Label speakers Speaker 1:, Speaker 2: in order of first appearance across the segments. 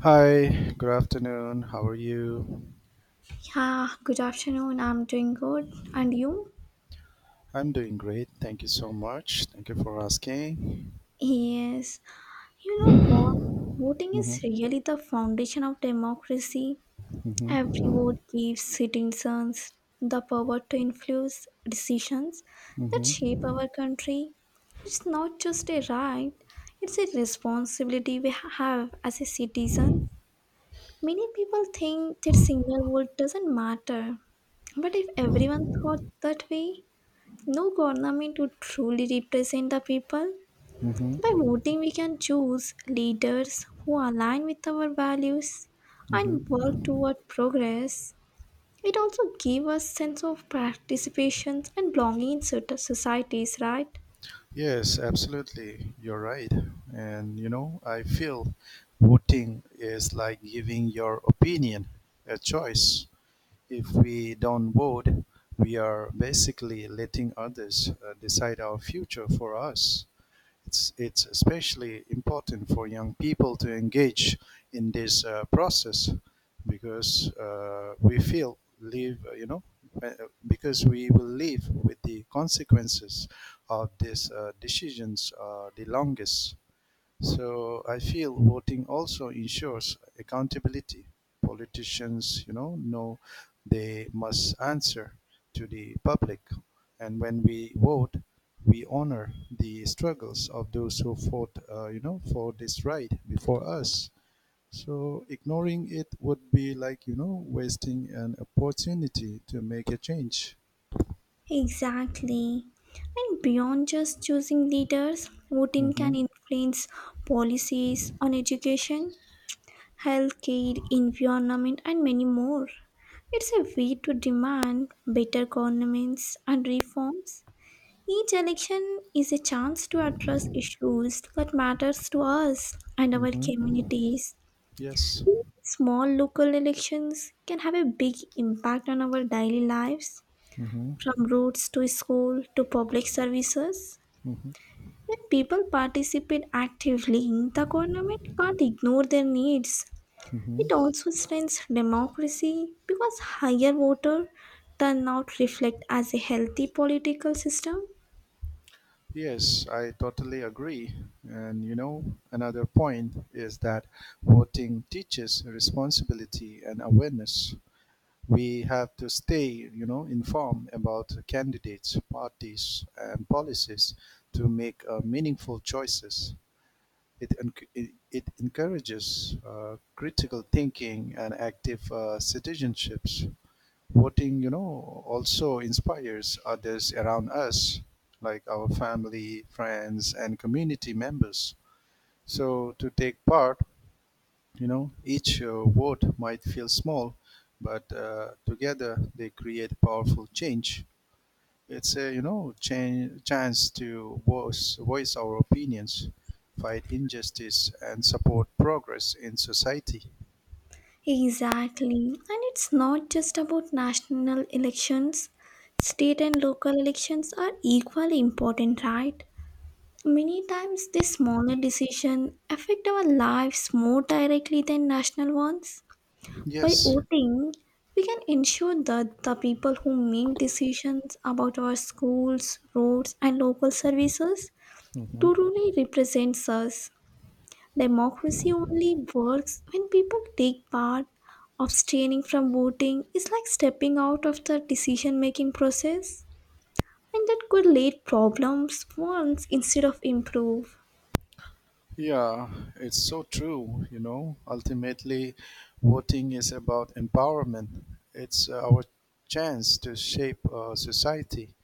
Speaker 1: Hi, good afternoon. How are you?
Speaker 2: Yeah, good afternoon. I'm doing good. And you?
Speaker 1: I'm doing great. Thank you so much. Thank you for asking.
Speaker 2: Yes. You know what? Voting
Speaker 1: Hmm.
Speaker 2: is really the foundation of democracy. Every vote
Speaker 1: Hmm.
Speaker 2: gives citizens the power to influence decisions that
Speaker 1: Hmm.
Speaker 2: shape our country. It's not just a right, it's a responsibility we have as a citizen. Many people think that single vote doesn't matter. But if everyone thought that way, no government would truly represent the people.
Speaker 1: Hmm.
Speaker 2: By voting, we can choose leaders who align with our values and work
Speaker 1: Hmm.
Speaker 2: toward progress. It also gives us sense of participation and belonging in certain societies, right?
Speaker 1: Yes, absolutely. You're right. And you know, I feel voting is like giving your opinion a choice. If we don't vote, we are basically letting others decide our future for us. It's especially important for young people to engage in this process because we feel live you know uh, because we will live with the consequences of these decisions the longest, so I feel voting also ensures accountability. Politicians, you know they must answer to the public. And when we vote, we honor the struggles of those who fought, for this right before us. So ignoring it would be like, you know, wasting an opportunity to make a change.
Speaker 2: Exactly. And beyond just choosing leaders, voting
Speaker 1: Mm-hmm.
Speaker 2: can influence policies on education, healthcare, environment, and many more. It's a way to demand better governments and reforms. Each election is a chance to address issues that matters to us and our
Speaker 1: Mm-hmm.
Speaker 2: communities.
Speaker 1: Yes.
Speaker 2: Small local elections can have a big impact on our daily lives,
Speaker 1: Mm-hmm.
Speaker 2: from roads to school to public services.
Speaker 1: Mm-hmm.
Speaker 2: When people participate actively, the government can't ignore their needs. It
Speaker 1: Mm-hmm.
Speaker 2: also strengthens democracy because higher voter turnout reflect as a healthy political system.
Speaker 1: Yes, I totally agree. And you know, another point is that voting teaches responsibility and awareness. We have to stay, you know, informed about candidates, parties, and policies to make meaningful choices. It encourages critical thinking and active citizenships. Voting, you know, also inspires others around us, like our family, friends, and community members. So to take part, you know, each vote might feel small, but together they create powerful change. It's a chance to voice our opinions, fight injustice, and support progress in society.
Speaker 2: Exactly. And it's not just about national elections. State and local elections are equally important, right? Many times these smaller decisions affect our lives more directly than national ones. By
Speaker 1: Yes.
Speaker 2: voting, we can ensure that the people who make decisions about our schools, roads, and local services truly represents us. Democracy only works when people take part. Abstaining from voting is like stepping out of the decision making process, and that could lead problems once instead of improve.
Speaker 1: Yeah, it's so true. You know, ultimately, voting is about empowerment. It's our chance to shape society,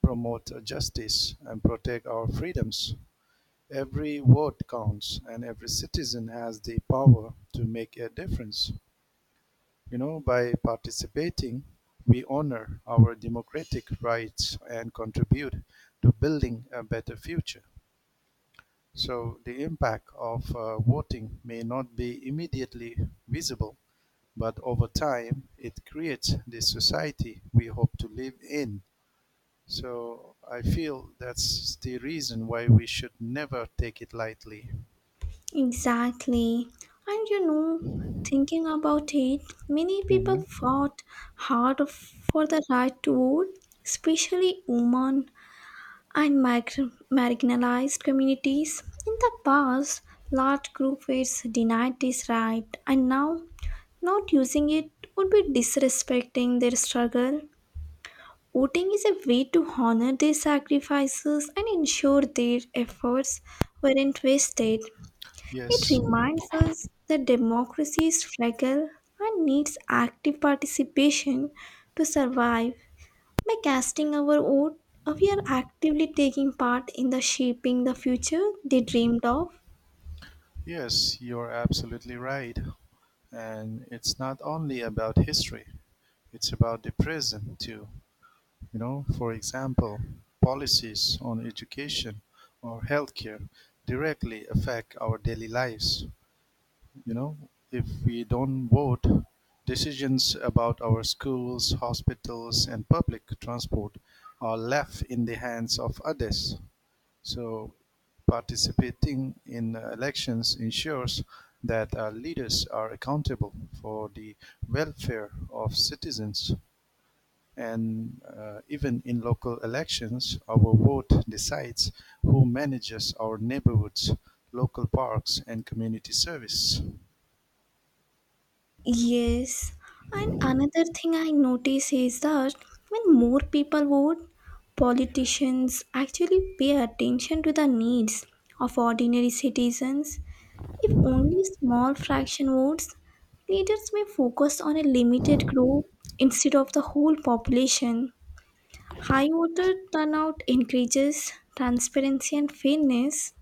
Speaker 1: promote justice, and protect our freedoms. Every vote counts, and every citizen has the power to make a difference. You know, by participating, we honor our democratic rights and contribute to building a better future. So the impact of voting may not be immediately visible, but over time it creates the society we hope to live in. So I feel that's the reason why we should never take it lightly.
Speaker 2: Exactly. And you know, thinking about it, many people
Speaker 1: Mhm.
Speaker 2: fought hard for the right to vote, especially women and marginalized communities. In the past, large groups were denied this right, and now not using it would be disrespecting their struggle. Voting is a way to honor their sacrifices and ensure their efforts weren't wasted. It
Speaker 1: Yes,
Speaker 2: reminds us that democracy is fragile and needs active participation to survive. By casting our vote, we are actively taking part in the shaping the future they dreamed of.
Speaker 1: yes, you're absolutely right. And it's not only about history, it's about the present too. You know, for example, policies on education or healthcare directly affect our daily lives. You know, if we don't vote, decisions about our schools, hospitals, and public transport are left in the hands of others. So, participating in elections ensures that our leaders are accountable for the welfare of citizens. And even in local elections, our vote decides who manages our neighborhoods, local parks, and community service.
Speaker 2: Yes, and another thing I notice is that when more people vote, politicians actually pay attention to the needs of ordinary citizens. If only small fraction votes, leaders may focus on a limited group instead of the whole population. High voter turnout encourages transparency and fairness.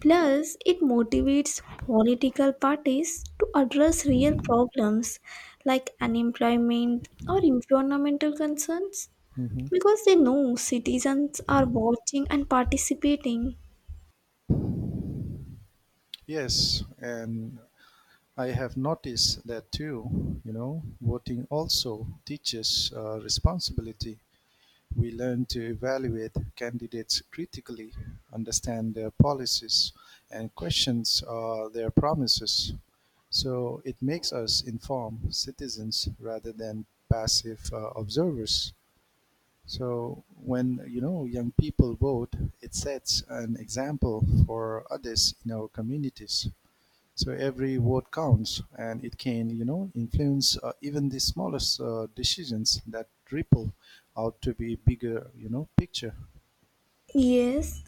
Speaker 2: Plus, it motivates political parties to address real problems like unemployment or environmental concerns
Speaker 1: Hmm.
Speaker 2: because they know citizens are watching and participating.
Speaker 1: Yes, and I have noticed that too. You know, voting also teaches responsibility. We learn to evaluate candidates critically, understand their policies, and question their promises. So it makes us informed citizens rather than passive observers. So when you know young people vote, it sets an example for others in our communities. So every vote counts, and it can, you know, influence even the smallest decisions that ripple out to be bigger, you know, picture.
Speaker 2: Yes,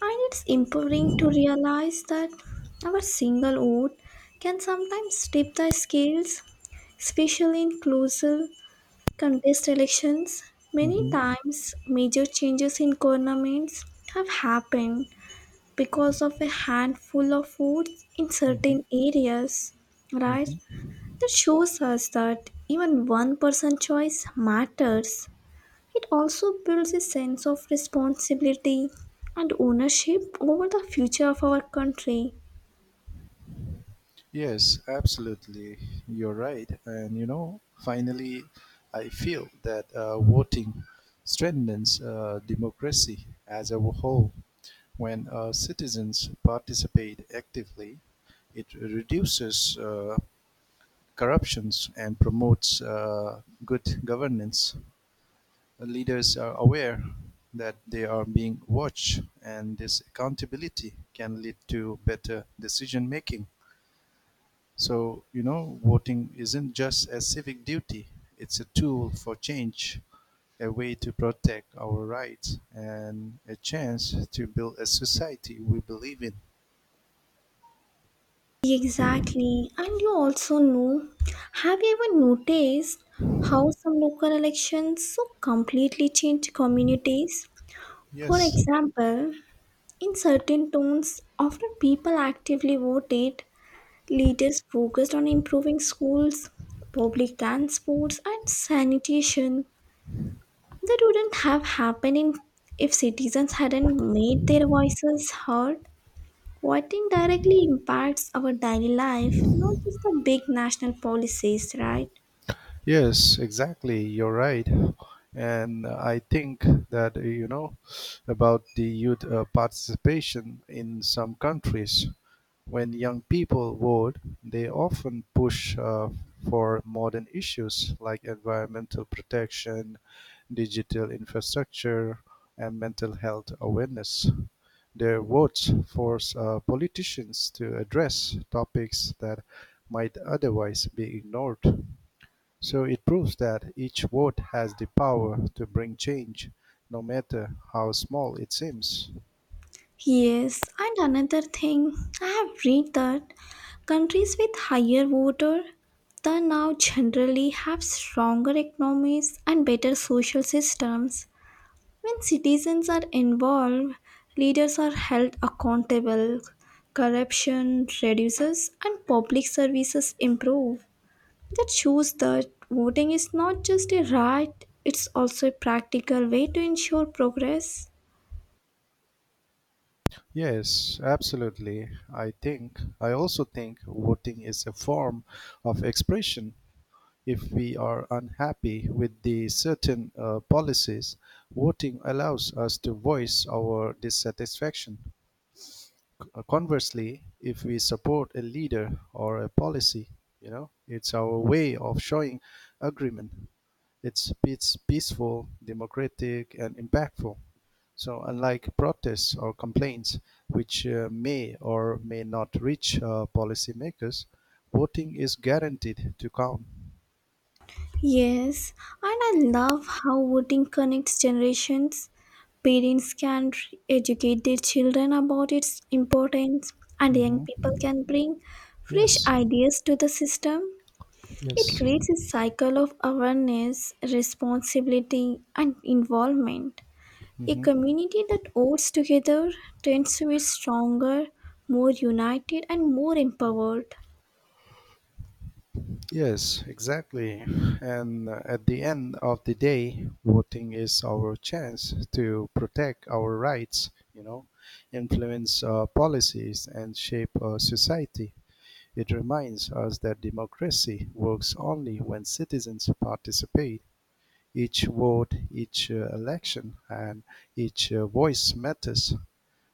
Speaker 2: and it's empowering to realize that our single vote can sometimes tip the scales, especially in closer contest elections. Many
Speaker 1: Hmm.
Speaker 2: times, major changes in governments have happened because of a handful of votes in
Speaker 1: Hmm.
Speaker 2: certain areas, right?
Speaker 1: Hmm.
Speaker 2: That shows us that even one person choice matters. It also builds a sense of responsibility and ownership over the future of our country.
Speaker 1: Yes, absolutely. You're right, and you know, finally, I feel that voting strengthens democracy as a whole. When citizens participate actively, it reduces corruptions and promotes good governance. Leaders are aware that they are being watched, and this accountability can lead to better decision making. So, you know, voting isn't just a civic duty, it's a tool for change, a way to protect our rights, and a chance to build a society we believe in.
Speaker 2: Exactly. And you also know, have you ever noticed how some local elections so completely change communities? For
Speaker 1: Yes.
Speaker 2: example, in certain towns, after people actively voted, leaders focused on improving schools, public transports, and sanitation. That wouldn't have happened if citizens hadn't made their voices heard. Voting directly impacts our daily life, not just the big national policies, right?
Speaker 1: Yes, exactly. You're right. And I think that, you know, about the youth participation in some countries, when young people vote, they often push for modern issues like environmental protection, digital infrastructure, and mental health awareness. Their votes force politicians to address topics that might otherwise be ignored. So it proves that each vote has the power to bring change, no matter how small it seems.
Speaker 2: Yes, and another thing, I have read that countries with higher voter turnout generally have stronger economies and better social systems. When citizens are involved, leaders are held accountable, corruption reduces, and public services improve. That shows that voting is not just a right, it's also a practical way to ensure progress.
Speaker 1: Yes, absolutely. I think I also think voting is a form of expression. If we are unhappy with the certain policies, voting allows us to voice our dissatisfaction. Conversely, if we support a leader or a policy, you know, it's our way of showing agreement. It's peaceful, democratic, and impactful. So unlike protests or complaints, which may or may not reach policymakers, voting is guaranteed to count.
Speaker 2: Yes, and I love how voting connects generations. Parents can educate their children about its importance, and young
Speaker 1: Mhm.
Speaker 2: people can bring fresh
Speaker 1: Yes.
Speaker 2: ideas to the system. It
Speaker 1: Yes.
Speaker 2: creates a cycle of awareness, responsibility, and involvement. A
Speaker 1: Mhm.
Speaker 2: community that works together tends to be stronger, more united, and more empowered.
Speaker 1: Yes, exactly. And at the end of the day, voting is our chance to protect our rights, you know, influence policies, and shape society. It reminds us that democracy works only when citizens participate. Each vote, each election, and each voice matters.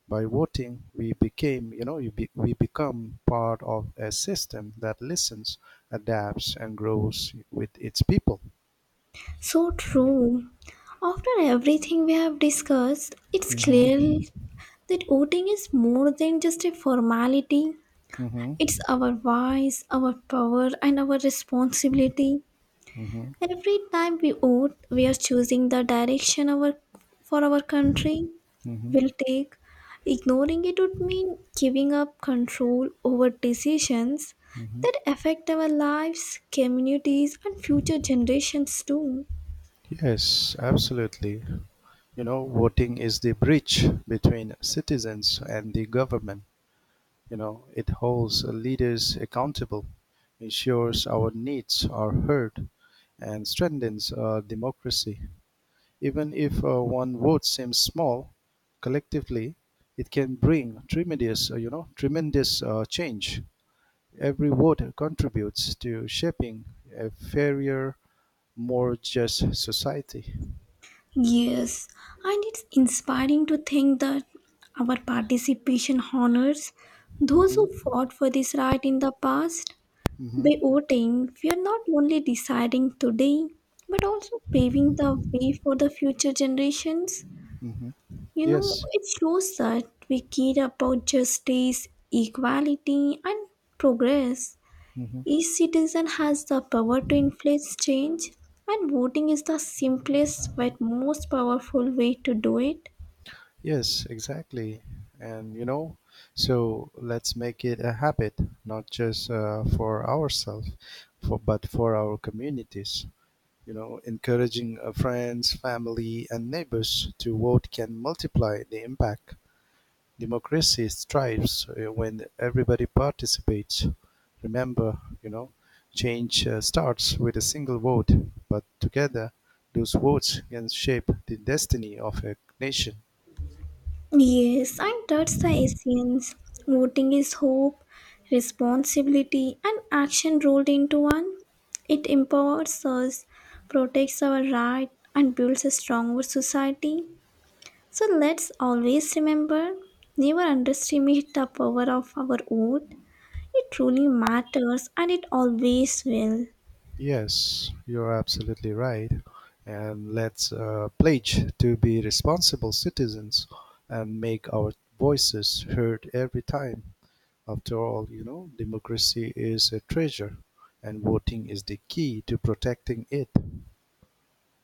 Speaker 1: By voting, we became, you know, you be, we become part of a system that listens, adapts, and grows with its people.
Speaker 2: So true. After everything we have discussed, it's
Speaker 1: Hmm.
Speaker 2: clear that voting is more than just a formality.
Speaker 1: Hmm.
Speaker 2: It's our voice, our power, and our responsibility.
Speaker 1: Hmm.
Speaker 2: Every time we vote, we are choosing the direction our for our country
Speaker 1: Hmm.
Speaker 2: will take. Ignoring it would mean giving up control over decisions
Speaker 1: Hmm.
Speaker 2: that affect our lives, communities, and future generations too.
Speaker 1: Yes, absolutely. You know, voting is the bridge between citizens and the government. You know, it holds leaders accountable, ensures our needs are heard, and strengthens our democracy. Even if one vote seems small, collectively, it can bring tremendous change. Every vote contributes to shaping a fairer, more just society.
Speaker 2: Yes, and it's inspiring to think that our participation honors those
Speaker 1: Hmm.
Speaker 2: who fought for this right in the past.
Speaker 1: Hmm.
Speaker 2: By voting, we are not only deciding today, but also paving the way for the future generations.
Speaker 1: Hmm.
Speaker 2: You know,
Speaker 1: Yes.
Speaker 2: it shows that we care about justice, equality, and progress.
Speaker 1: Hmm.
Speaker 2: Each citizen has the power to influence change, and voting is the simplest but most powerful way to do it.
Speaker 1: Yes, exactly. And you know, so let's make it a habit, not just for ourselves, for but for our communities. You know, encouraging friends, family, and neighbors to vote can multiply the impact. Democracy thrives when everybody participates. Remember, you know, change starts with a single vote, but together those votes can shape the destiny of a nation.
Speaker 2: Yes, and that's the essence. Voting is hope, responsibility, and action rolled into one. It empowers us, protects our right, and builds a stronger society. So let's always remember, never underestimate the power of our vote. It truly matters and it always will.
Speaker 1: Yes, you're absolutely right. And let's pledge to be responsible citizens and make our voices heard every time. After all, you know, democracy is a treasure, and voting is the key to protecting it.